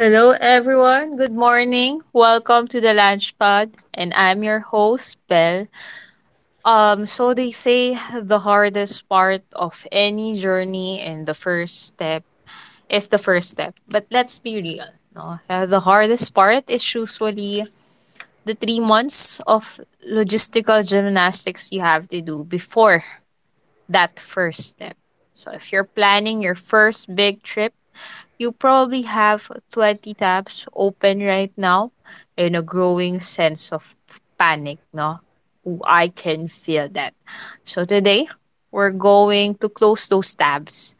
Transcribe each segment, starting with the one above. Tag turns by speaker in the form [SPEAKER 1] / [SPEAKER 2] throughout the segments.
[SPEAKER 1] Hello, everyone. Good morning. Welcome to the Lunch Pod, and I'm your host, Belle. So they say the hardest part of any journey and the first step is the first step. But let's be real, no? The hardest part is usually the 3 months of logistical gymnastics you have to do before that first step. So if you're planning your first big trip, you probably have 20 tabs open right now and a growing sense of panic, no? Ooh, I can feel that. So today, we're going to close those tabs,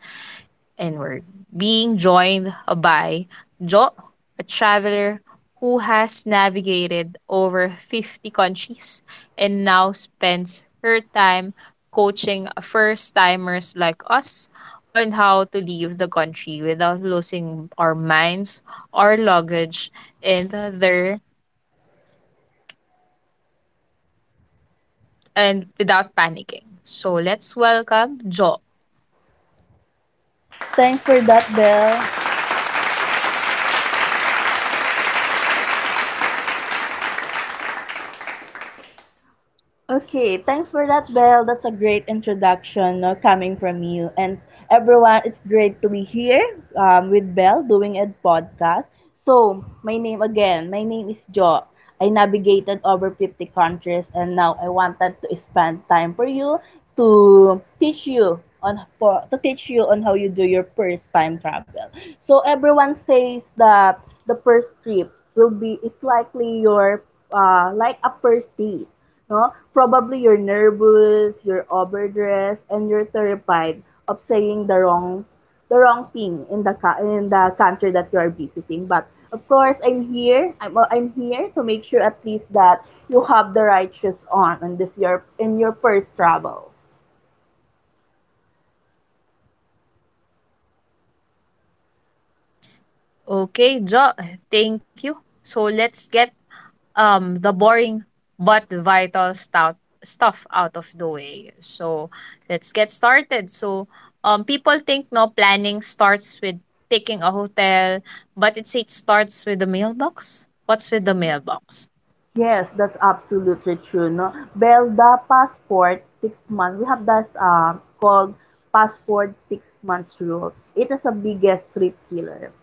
[SPEAKER 1] and we're being joined by Joe, a traveler who has navigated over 50 countries and now spends her time coaching first timers like us on how to leave the country without losing our minds, our luggage, and their and without panicking. So let's welcome Joe.
[SPEAKER 2] Thanks for that, Belle. Okay, thanks for that, Belle. That's a great introduction, no, coming from you. And everyone, it's great to be here with Belle doing a podcast. So, my name is Jo. I navigated over 50 countries and now I wanted to spend time for you to teach you on for, to teach you on how you do your first time travel. So everyone says that the first trip will be is likely your like a first date, no? Probably you're nervous, you're overdressed, and you're terrified of saying the wrong thing in the country that you are visiting. But of course, I'm here. I'm here to make sure at least that you have the right shoes on and this your in your first travel.
[SPEAKER 1] Okay, Joe, thank you. So let's get the boring but vital stout stuff out of the way. So let's get started. So people think no planning starts with picking a hotel, but it starts with the mailbox. What's with the mailbox?
[SPEAKER 2] Yes, that's absolutely true, no? Well, the passport, 6 months, we have that called passport 6 months rule. It is a biggest trip killer.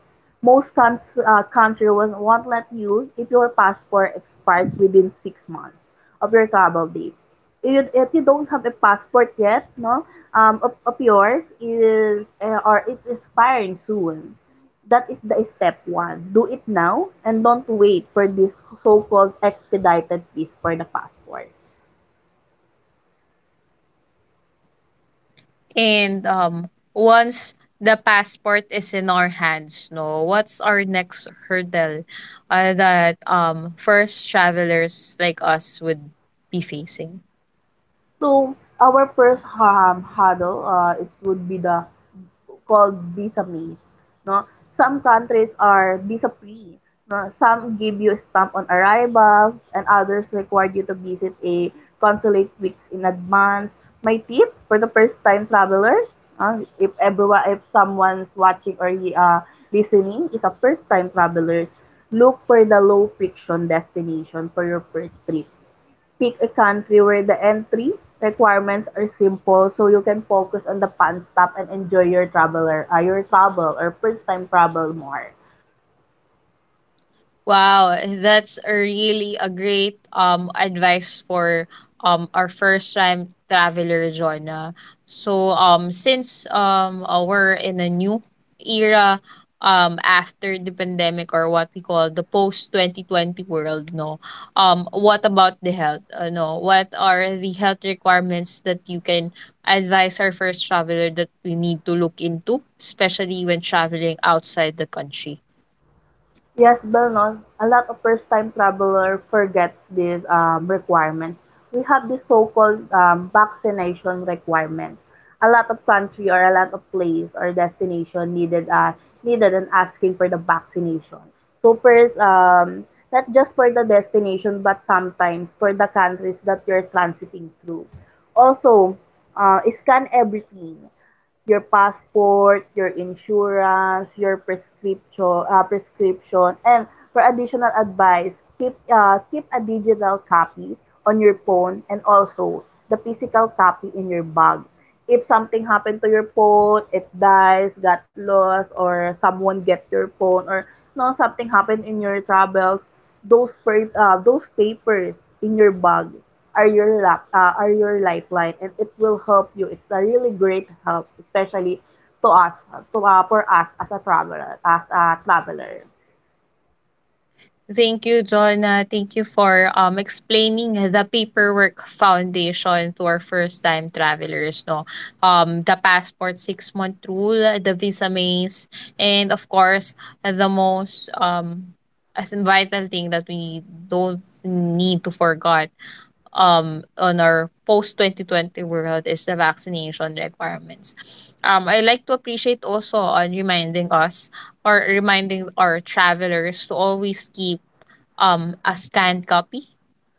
[SPEAKER 2] Most country won't let you if your passport expires within 6 months of your travel date. If you don't have a passport yet, no, of yours is or it's expiring soon. That is the step one. Do it now and don't wait for this so-called expedited piece for the passport.
[SPEAKER 1] And once the passport is in our hands, no, what's our next hurdle, that first travelers like us would be facing?
[SPEAKER 2] So, our first hurdle, it would be the called visa-based, no? Some countries are visa-free, no? Some give you a stamp on arrival, and others require you to visit a consulate weeks in advance. My tip for the first-time travelers, if someone's watching or listening is a first-time traveler, look for the low-friction destination for your first trip. Pick a country where the entry requirements are simple so you can focus on the fun stuff and enjoy your travel or first time travel more.
[SPEAKER 1] Wow, that's a really a great advice for our first time traveler, Jonah. So since, we're in a new era after the pandemic, or what we call the post 2020 world, no, what about the health, no, what are the health requirements that you can advise our first traveler that we need to look into, especially when traveling outside the country?
[SPEAKER 2] Yes, Belnos, a lot of first-time traveler forgets these requirements. We have this so-called vaccination requirements. A lot of country or a lot of place or destination needed, and asking for the vaccination. So first, not just for the destination, but sometimes for the countries that you're transiting through. Also, scan everything: your passport, your insurance, your prescription, and for additional advice, keep a digital copy on your phone and also the physical copy in your bag. If something happened to your phone, it dies, got lost, or someone gets your phone, or no something happened in your travels, those papers in your bag are your lifeline and it will help you. It's a really great help, especially to us, to for us as a traveler.
[SPEAKER 1] Thank you, John. Thank you for explaining the paperwork foundation to our first time travelers. No, the passport 6 month rule, the visa maze, and of course, the most, I think, vital thing that we don't need to forget on our post 2020 world is the vaccination requirements. I like to appreciate also on reminding us, or reminding our travelers, to always keep a scanned copy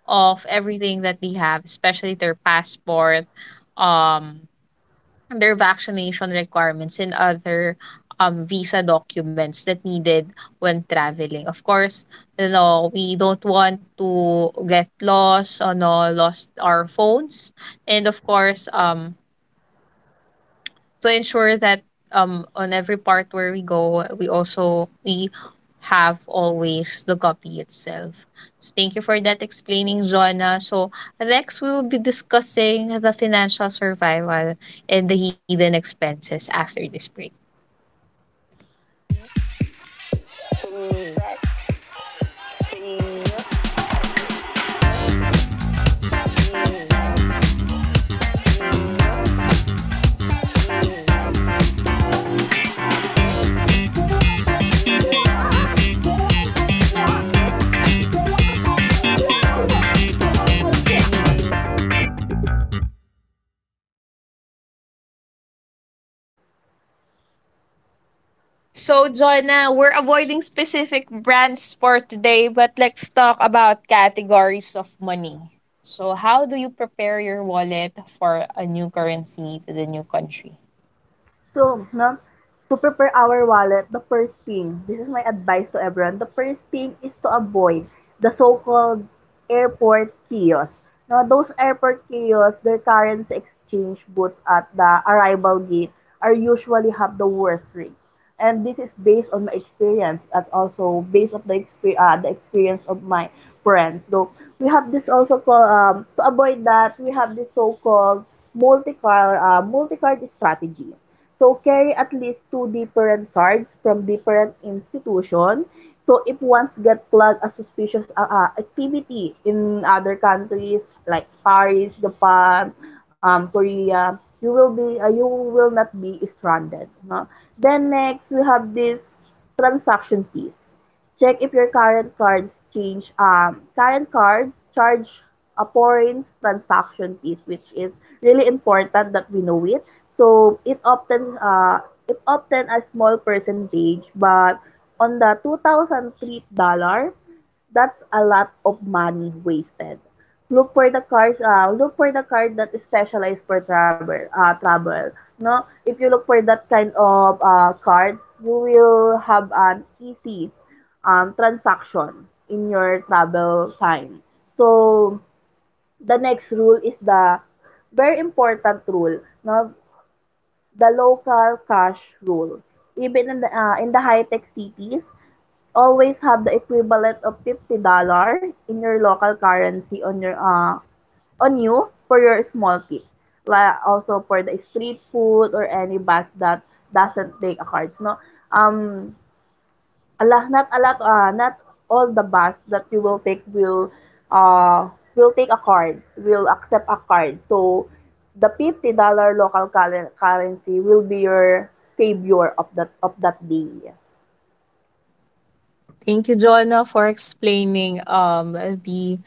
[SPEAKER 1] of everything that they have, especially their passport, um, their vaccination requirements, and other visa documents that needed when traveling. Of course, you know we don't want to get lost, or no, lost our phones, and of course to ensure that on every part where we go, we have always the copy itself. So thank you for that explaining, Jonna. So next, we will be discussing the financial survival and the hidden expenses after this break. So, Jonna, we're avoiding specific brands for today, but let's talk about categories of money. So, how do you prepare your wallet for a new currency to the new country?
[SPEAKER 2] So, no, to prepare our wallet, the first thing, this is my advice to everyone, the first thing is to avoid the so-called airport kiosks. Now, those airport kiosks, their currency exchange booths at the arrival gate, are usually have the worst rates. And this is based on my experience and also based on the experience of my friends. So, we have this also called, to avoid that, we have this so-called multi-card strategy. So carry at least two different cards from different institution. So if once get plugged a suspicious activity in other countries like Paris, Japan, Korea, you will not be stranded, no? Then next we have this transaction fees. Check if your current cards charge a foreign transaction fees, which is really important that we know it, so it often a small percentage, but on the $2,003, that's a lot of money wasted. Look for the cars. Look for the card that is specialized for travel. No, if you look for that kind of card, you will have an easy transaction in your travel time. So the next rule is the very important rule. No, the local cash rule. Even in the high-tech cities, always have the equivalent of $50 in your local currency on you for your small kids, like also for the street food or any bus that doesn't take a cards, no? Um, a lot, not a lot, not all the bus that you will take uh, will take a card, will accept a card. So the $50 local currency will be your savior of that day.
[SPEAKER 1] Thank you, Jonna, for explaining the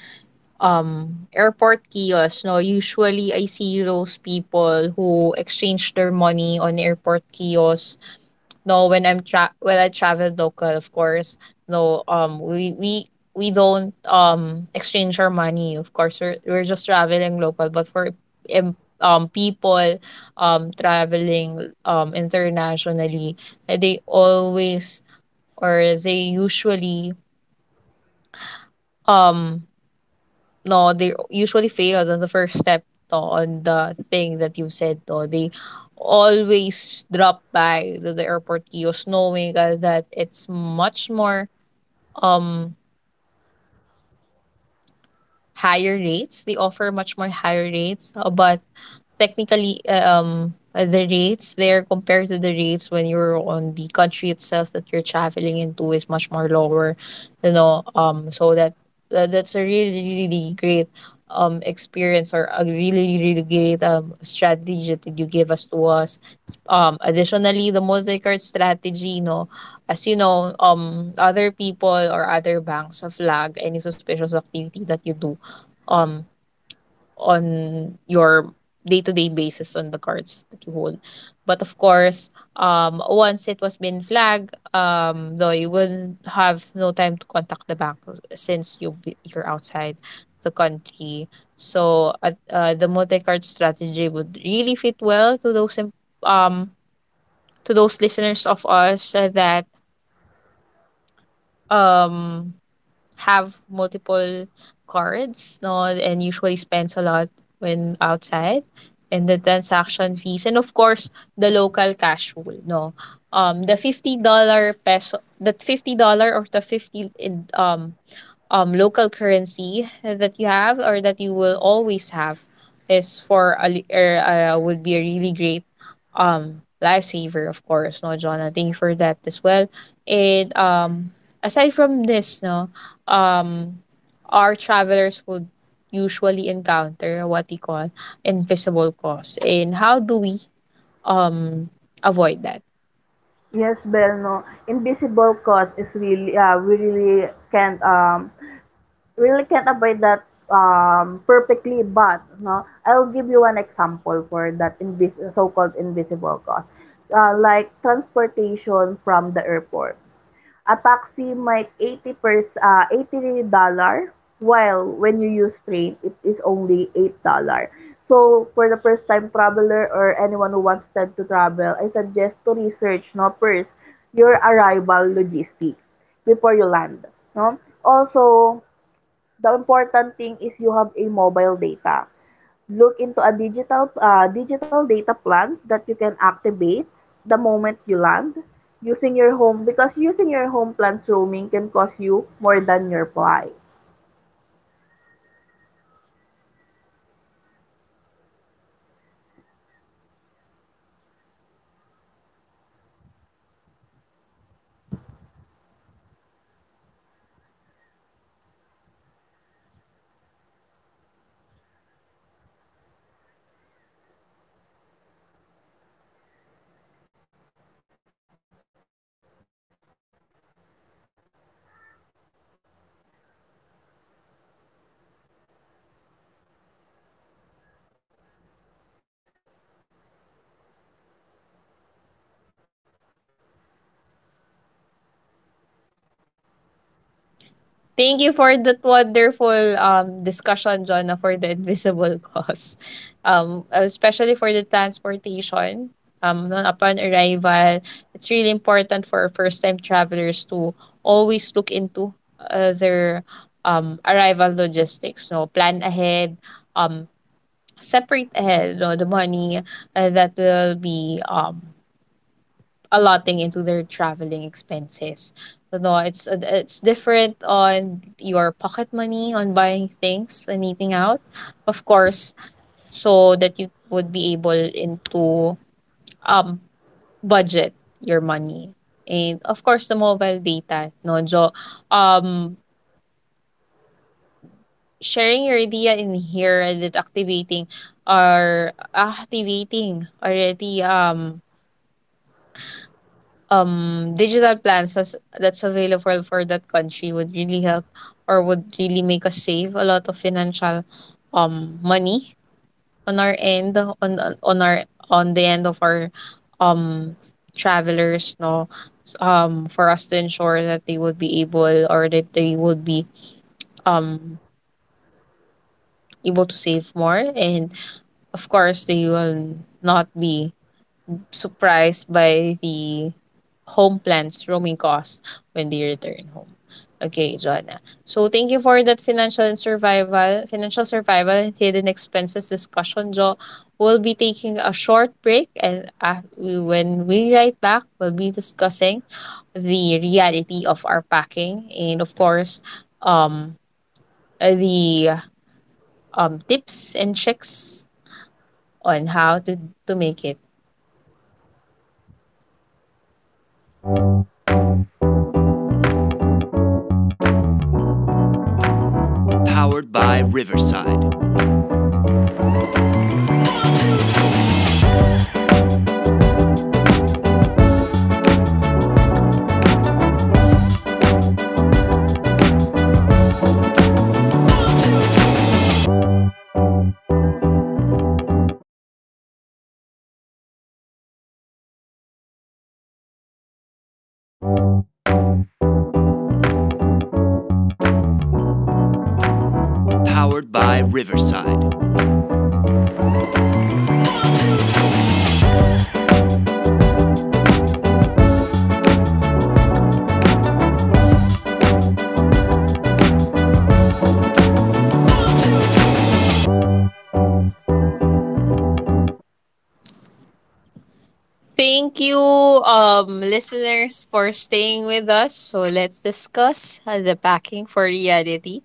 [SPEAKER 1] airport kiosks. No, usually I see those people who exchange their money on airport kiosks. No, when I travel local, of course, no, we don't exchange our money. Of course, we're just traveling local. But for, people traveling internationally, eh, they always, or they usually, um no, they usually failed on the first step, no, on the thing that you've said. No, they always drop by to the airport kiosk knowing, that it's much more um higher rates. They offer much more higher rates, but technically, the rates there compared to the rates when you're on the country itself that you're traveling into is much more lower, so that, that's a really, really great experience, or a really, really great strategy that you give, us to us. Additionally, the multi-card strategy, as you know, other people, or other banks, have flagged any suspicious activity that you do um on your day-to-day basis on the cards that you hold. But of course, once it was been flagged, though you will have no time to contact the bank since you're outside the country. So the multi-card strategy would really fit well to um those listeners of us that um have multiple cards, no, and usually spends a lot when outside, and the transaction fees, and of course the local cash rule, no. The $50 peso, the $50, or the 50 in local currency, that you have or that you will always have, is for a, li- would be a really great lifesaver, of course, no. Jonah, thank you for that as well. And aside from this, no, um our travelers would usually encounter what we call invisible costs. And how do we um avoid that?
[SPEAKER 2] Yes, Bel, no. Invisible cost is really we really can't avoid that perfectly, but no, I'll give you an example for that so-called invisible cost. Like transportation from the airport. A taxi might 80 $80, while when you use train, it is only $8. So, for the first-time traveler or anyone who wants to travel, I suggest to research, no, first your arrival logistics before you land. No? Also, the important thing is you have a mobile data. Look into a digital data plans that you can activate the moment you land using your home, because using your home plans roaming can cost you more than your flight.
[SPEAKER 1] Thank you for that wonderful discussion, Jonah, for the invisible cost. Especially for the transportation. Upon arrival, it's really important for first-time travelers to always look into their arrival logistics. No, plan ahead. Um, Separate ahead. No, the money, that will be allotting into their traveling expenses. So no, it's different on your pocket money on buying things and eating out, of course, so that you would be able into um budget your money. And of course the mobile data, no, Jo, um sharing your idea in here, and it activating, or activating already, digital plans that's available for that country, would really help, or would really make us save a lot of financial money on our end, on the end of our um travelers, no, for us to ensure that they would be able, or that they would be um able to save more, and of course they will not be surprised by the home plans roaming costs when they return home. Okay, Jonna. So thank you for that financial survival and hidden expenses discussion, Jo. We'll be taking a short break, and, when we write back, we'll be discussing the reality of our packing, and of course, um, the tips and tricks on how to make it. Thank you, listeners, for staying with us. So let's discuss, the packing for reality.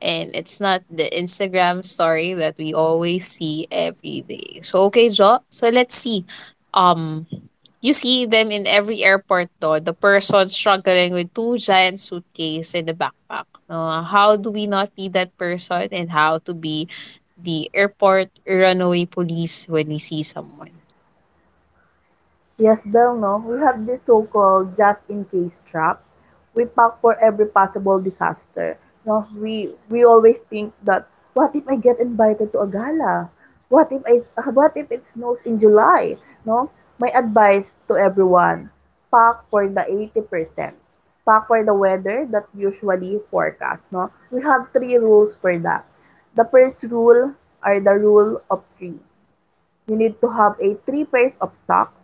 [SPEAKER 1] And it's not the Instagram story that we always see every day. So, okay, Jo. So let's see. Um, you see them in every airport, though. The person struggling with two giant suitcases and a backpack. No, how do we not be that person, and how to be the airport runaway police when we see someone?
[SPEAKER 2] Yes, Belle, no? We have this so-called just-in-case trap. We pack for every possible disaster. No, we always think that what if I get invited to a gala? What if it snows in July? No? My advice to everyone, pack for the 80%. Pack for the weather that usually forecast, no? We have three rules for that. The first rule are the rule of three. You need to have a three pairs of socks,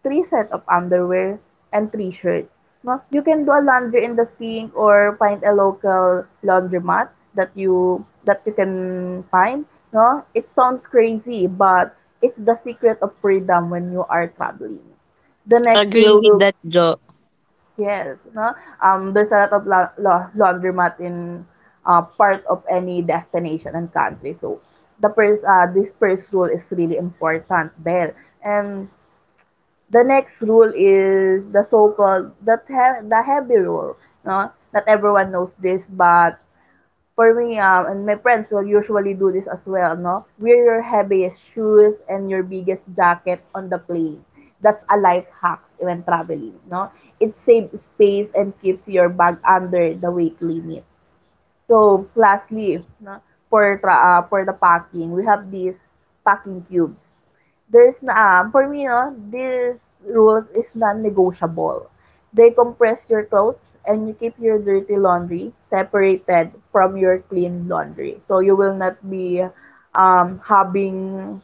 [SPEAKER 2] three sets of underwear, and three shirts. No, you can do a laundry in the sink or find a local laundromat that you can find. No, it sounds crazy, but it's the secret of freedom when you are traveling. The next
[SPEAKER 1] Agree
[SPEAKER 2] rule
[SPEAKER 1] with
[SPEAKER 2] will
[SPEAKER 1] that, Jo.
[SPEAKER 2] Yes, no? There's a lot of la la laundromat in part of any destination and country. So this first rule is really important there. And the next rule is the so-called the heavy rule, no? Not everyone knows this, but for me, and my friends will usually do this as well, no? Wear your heaviest shoes and your biggest jacket on the plane. That's a life hack when traveling, no? It saves space and keeps your bag under the weight limit. So, lastly, no, for for the packing, we have these packing cubes. For me, no, these rules is non-negotiable. They compress your clothes and you keep your dirty laundry separated from your clean laundry. So you will not be having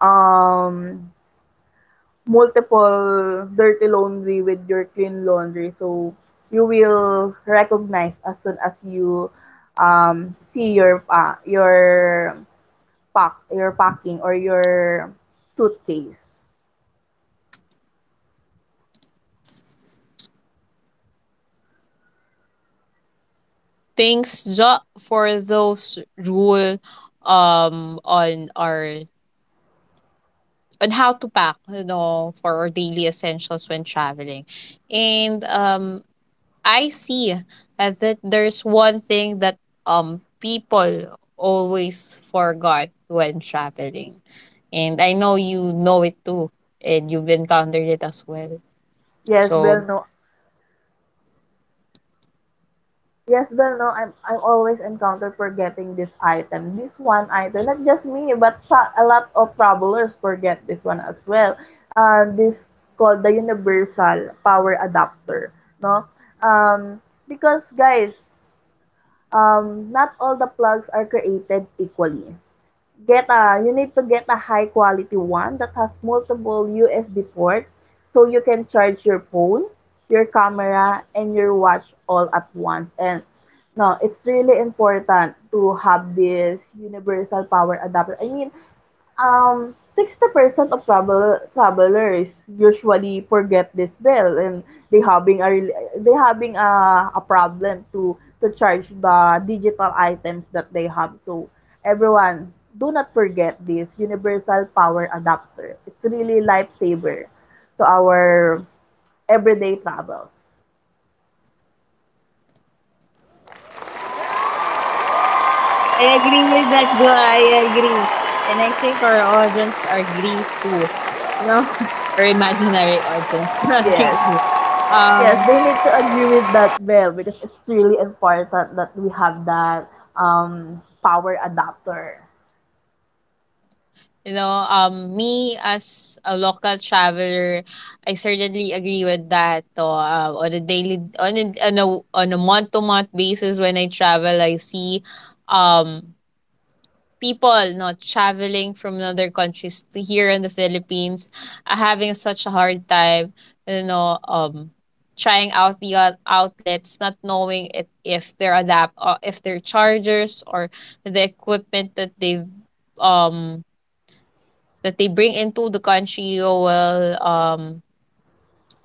[SPEAKER 2] um, multiple dirty laundry with your clean laundry. So you will recognize as soon as you see your packing or your suitcase.
[SPEAKER 1] Thanks, for those rule on, our on how to pack, for our daily essentials when traveling. And I see that there's one thing that people always forgot when traveling. And I know you know it too, and you've encountered it as well.
[SPEAKER 2] Yes, Bell,
[SPEAKER 1] So
[SPEAKER 2] no. Yes, Bell, no. I'm always encounter forgetting this item. This one item, not just me, but a lot of travelers forget this one as well. This called the universal power adapter, no? Um, because guys, not all the plugs are created equally. Get a You need to get a high quality one that has multiple USB port so you can charge your phone, your camera, and your watch all at once. And no, it's really important to have this universal power adapter. I mean, 60% of travelers usually forget this bill and they having a problem to charge the digital items that they have. So everyone, do not forget this universal power adapter. It's really lifesaver to our everyday travel.
[SPEAKER 1] I agree with that, Jo. I agree. And I think our audience are agree too. No, our imaginary audience. Not tricky.
[SPEAKER 2] Yes, yes they
[SPEAKER 1] Um,
[SPEAKER 2] need to agree with that, Bell, because it's really important that we have that power adapter
[SPEAKER 1] You know, me as a local traveler, I certainly agree with that. Or, on a daily, on a on a on a month to month basis, when I travel, I see, um, people not traveling from other countries to here in the Philippines are having such a hard time, you know, um, trying out the, outlets, not knowing it, if they're adapt, if their chargers, or the equipment that um they bring into the country, will um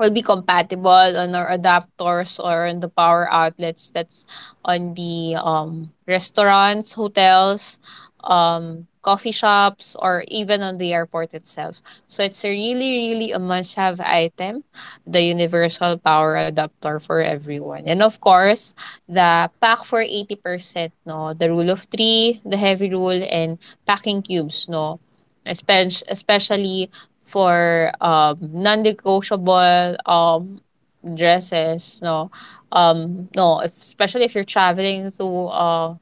[SPEAKER 1] will be compatible on our adapters, or on the power outlets that's on the, restaurants, hotels, coffee shops, or even on the airport itself. So it's a really, really a must have item, the universal power adapter for everyone. And of course, the pack for 80%, no, the rule of three, the heavy rule, and packing cubes, no. Especially for non-negotiable dresses, no, no, if, especially if you're traveling to a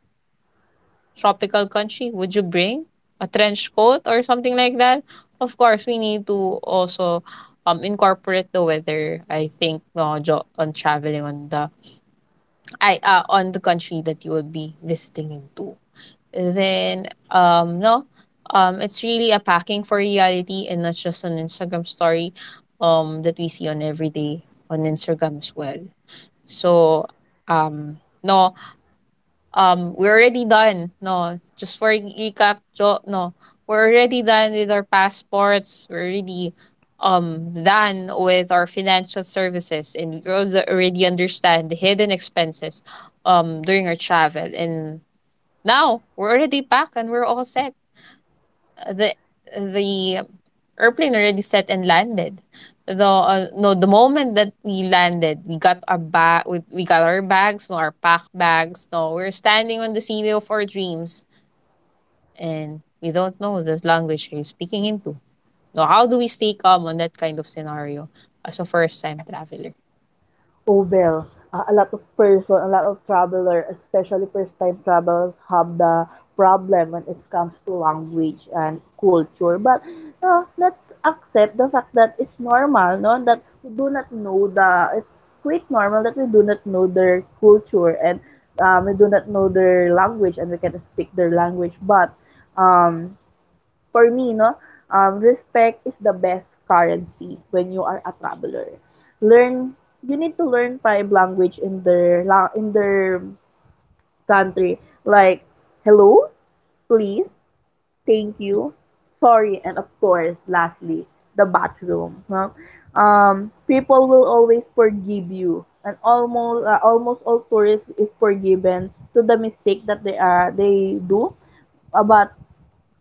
[SPEAKER 1] tropical country, would you bring a trench coat or something like that? Of course, we need to also incorporate the weather, I think, no, on traveling on the I on the country that you will be visiting into. Then no, it's really a packing for reality, and not just an Instagram story that we see on every day on Instagram as well. So um no, we're already done, no, just for, recap, no, we're already done with our passports, we're already done with our financial services, and we already understand the hidden expenses during our travel. And now we're already back, and we're all set. Uh, The the airplane already set and landed. The no The moment that we landed, we got our bags, no, our packed bags. No, we're standing on the city of our dreams and we don't know the language we're speaking into. No, how do we stay calm on that kind of scenario as a first time traveler?
[SPEAKER 2] over. A lot of person, a lot of traveler, especially first-time travelers, have the problem when it comes to language and culture. But let's accept the fact that it's normal, no? That we do not know the It's quite normal that we do not know their culture, and we do not know their language and we can speak their language, but um, for me, no, respect is the best currency when you are a traveler. Learn, you need to learn five language in their country, like hello, please, thank you, sorry, and of course, lastly, the bathroom. No? People will always forgive you, and almost all tourists is forgiven to the mistake that they do. But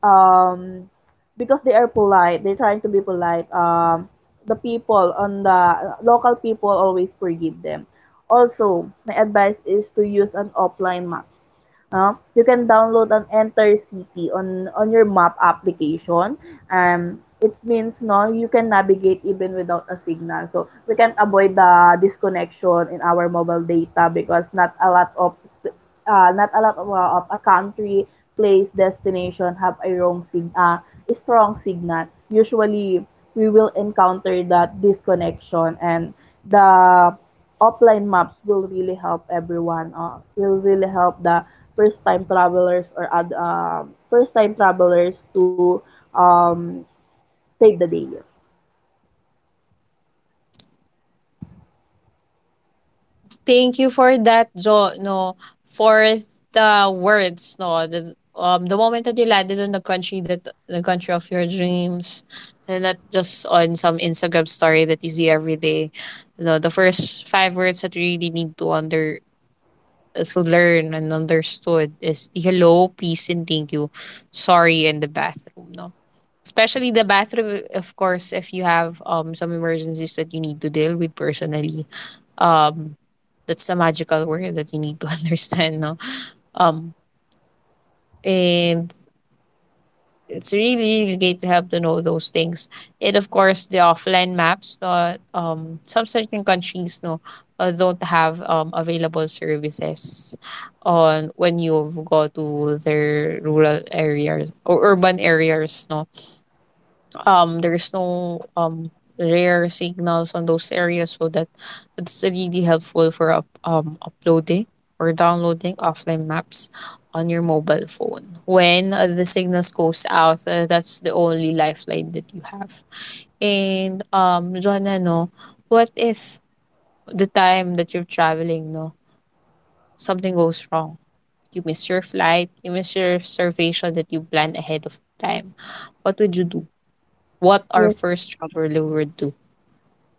[SPEAKER 2] um, because they are polite, they're trying to be polite. The local people always forgive them. Also, my advice is to use an offline map. No? You can download an Enter City on your map application. It means no, you can navigate even without a signal. So we can avoid the disconnection in our mobile data because not a lot of, of a country place, destination have a a strong signal. Usually we will encounter that disconnection, and the offline maps will really help everyone. Will really help the first time travelers or first time travelers to um, save the day.
[SPEAKER 1] Thank you for that, Jo, no, for the words, no, the the moment that you landed on the country of your dreams, and not just on some Instagram story that you see every day. No, the first five words that you really need to under to learn and understood is the hello, peace, and thank you. Sorry, in the bathroom, no. Especially the bathroom, of course, if you have some emergencies that you need to deal with personally um that's the magical word that you need to understand, no? Um, and it's really great to have to know those things. And of course, the offline maps, no? Some certain countries, no, don't have available services on when you go to their rural areas or urban areas, no? There's no rare signals on those areas, so that it's really helpful for uploading or downloading offline maps on your mobile phone when the signals goes out. That's the only lifeline that you have. And Jonna, no, what if the time that you're traveling, no, something goes wrong? You miss your flight, you miss your reservation that you plan ahead of time. What would you do? What our
[SPEAKER 2] Yes,
[SPEAKER 1] first traveler would do?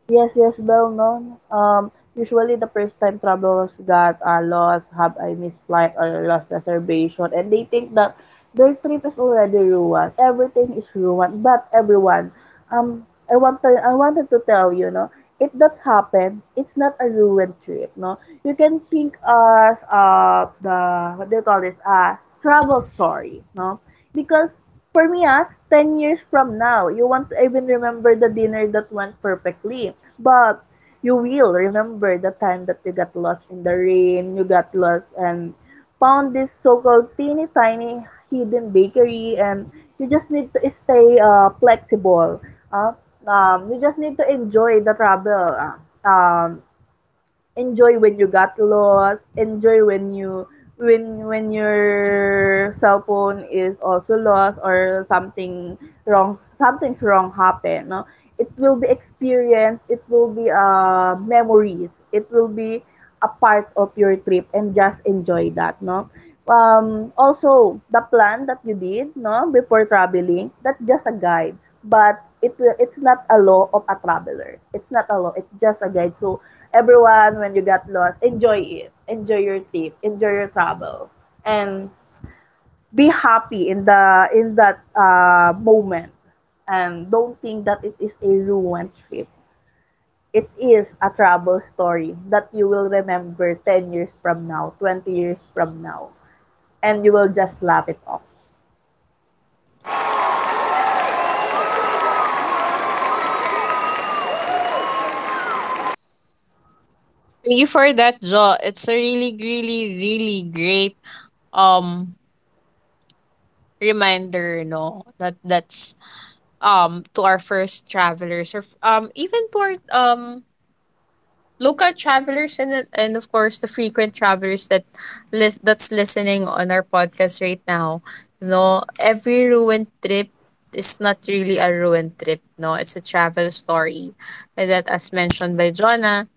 [SPEAKER 2] yes, yes, well known. Usually the first time travelers that are lost have a missed flight or lost reservation, and they think that their trip is already ruined. Everything is ruined, but everyone, um, I wanted to tell you, no, if that happened, it's not a ruined trip, no. You can think as the what do you call this? Travel story, no, because for me, 10 years from now, you want to even remember the dinner that went perfectly. But you will remember the time that you got lost in the rain, you got lost and found this so-called teeny tiny hidden bakery, and you just need to stay flexible. Uh, you just need to enjoy the travel. Um, Enjoy when you got lost, enjoy when your cell phone is also lost, or something's wrong happened, no, it will be experience, it will be memories, it will be a part of your trip, and just enjoy that, no. Also, the plan that you did, no, before traveling, that's just a guide, but it's not a law of a traveler, it's not a law, it's just a guide. So everyone, when you got lost, enjoy it. Enjoy your trip. Enjoy your travel. And be happy in the in that moment. And don't think that it is a ruined trip. It is a travel story that you will remember 10 years from now, 20 years from now. And you will just laugh it off.
[SPEAKER 1] Thank you for that, Jo. It's a really great um reminder, no, that's to our first travelers or even to our local travelers and of course the frequent travelers that that's listening on our podcast right now. No, every ruined trip is not really a ruined trip, no. It's a travel story. And that, as mentioned by Jonah,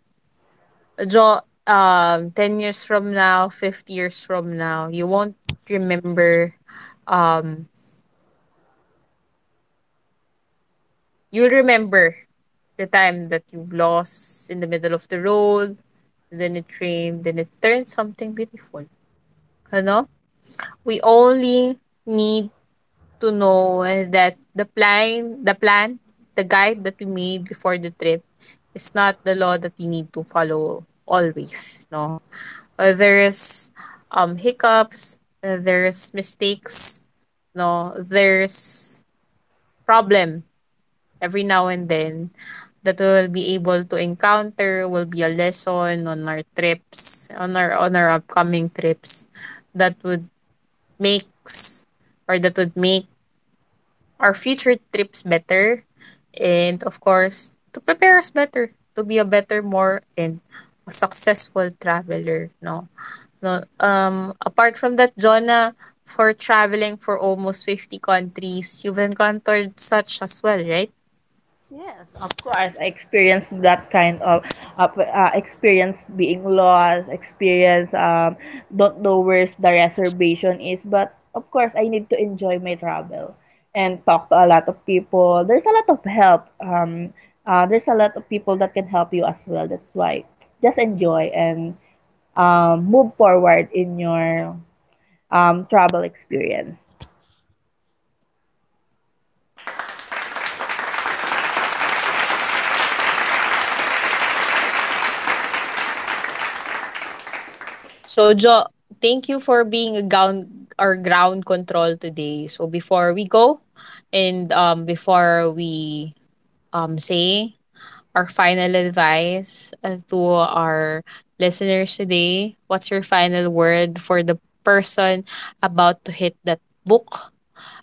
[SPEAKER 1] draw, 10 years from now, 50 years from now, you won't remember um you'll remember the time that you've lost in the middle of the road, then it rained, then it turned something beautiful. You know, we only need to know that the plan, the guide that we made before the trip is not the law that we need to follow always, no. There's hiccups, there's mistakes, no, there's problem every now and then that we will be able to encounter, will be a lesson on our trips, on our upcoming trips, that would makes make our future trips better, and of course to prepare us better to be a better more and a successful traveler, no? no? Apart from that, Jonah, for traveling for almost 50 countries, you've encountered such as well, right?
[SPEAKER 2] Yes, of course. I experienced that kind of experience, being lost, experience, don't know where's the reservation is. But of course, I need to enjoy my travel and talk to a lot of people. There's a lot of help. There's a lot of people that can help you as well. That's why just enjoy and move forward in your travel experience.
[SPEAKER 1] So, Jo, thank you for being a ground our ground control today. So, before we go and before we say our final advice, to our listeners today, what's your final word for the person about to hit that book,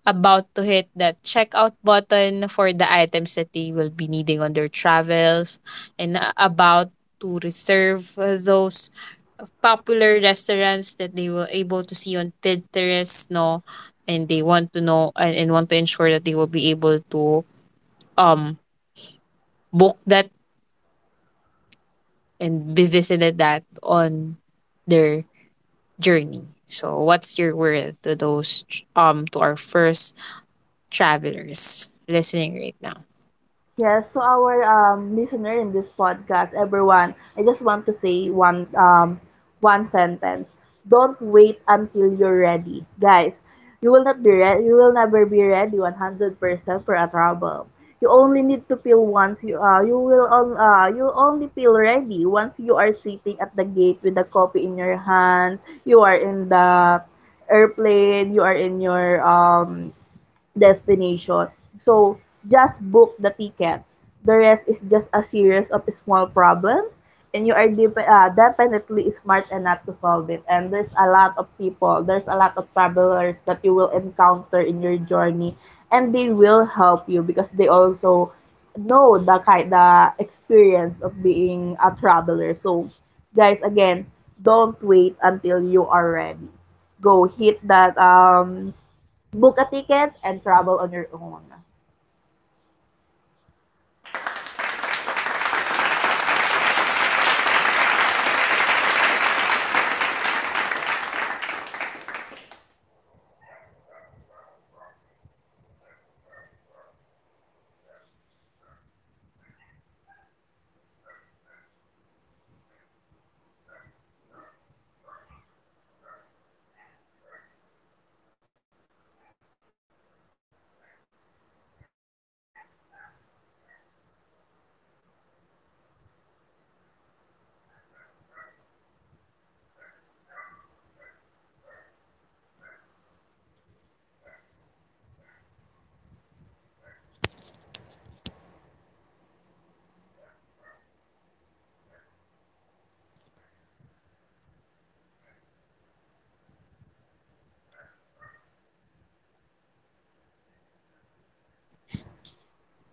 [SPEAKER 1] about to hit that checkout button for the items that they will be needing on their travels, and about to reserve those popular restaurants that they were able to see on Pinterest, no? And they want to know and want to ensure that they will be able to um book that and be visited that on their journey. So what's your word to to our first travelers listening right now?
[SPEAKER 2] Yes, to our listener in this podcast, everyone, I just want to say one one sentence. Don't wait until you're ready, guys. You will not be re- you will never be ready 100% for a trouble. You only need to feel once you you will on you only feel ready once you are sitting at the gate with the coffee in your hand. You are in the airplane. You are in your destination. So just book the ticket. The rest is just a series of small problems, and you are definitely smart enough to solve it. And there's a lot of people, there's a lot of travelers that you will encounter in your journey, and they will help you because they also know the kind the experience of being a traveler. So, guys, again, don't wait until you are ready. Go hit that book a ticket and travel on your own.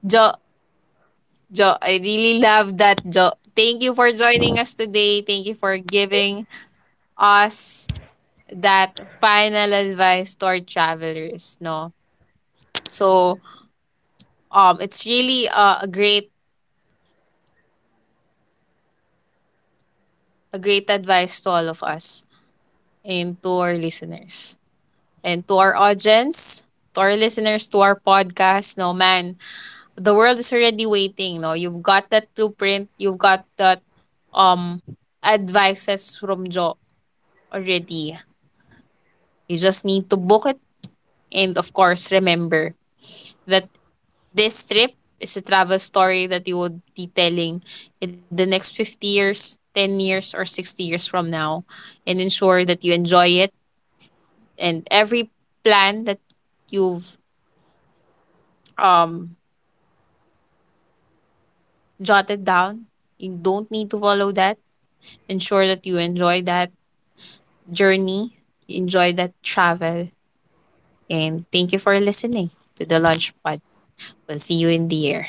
[SPEAKER 1] Jo, Jo, I really love that, Jo. Thank you for joining us today. Thank you for giving us that final advice to our travelers, no? So, it's really a great advice to all of us and to our listeners and to our audience, to our listeners, to our podcast. No, man, the world is already waiting. No, you've got that blueprint. You've got that um advices from Jo already. You just need to book it and, of course, remember that this trip is a travel story that you would be telling in the next 50 years, 10 years, or 60 years from now. And ensure that you enjoy it and every plan that you've um, jotted down, you don't need to follow that. Ensure that you enjoy that journey, you enjoy that travel. And thank you for listening to the Lunch Pod. We'll see you in the air.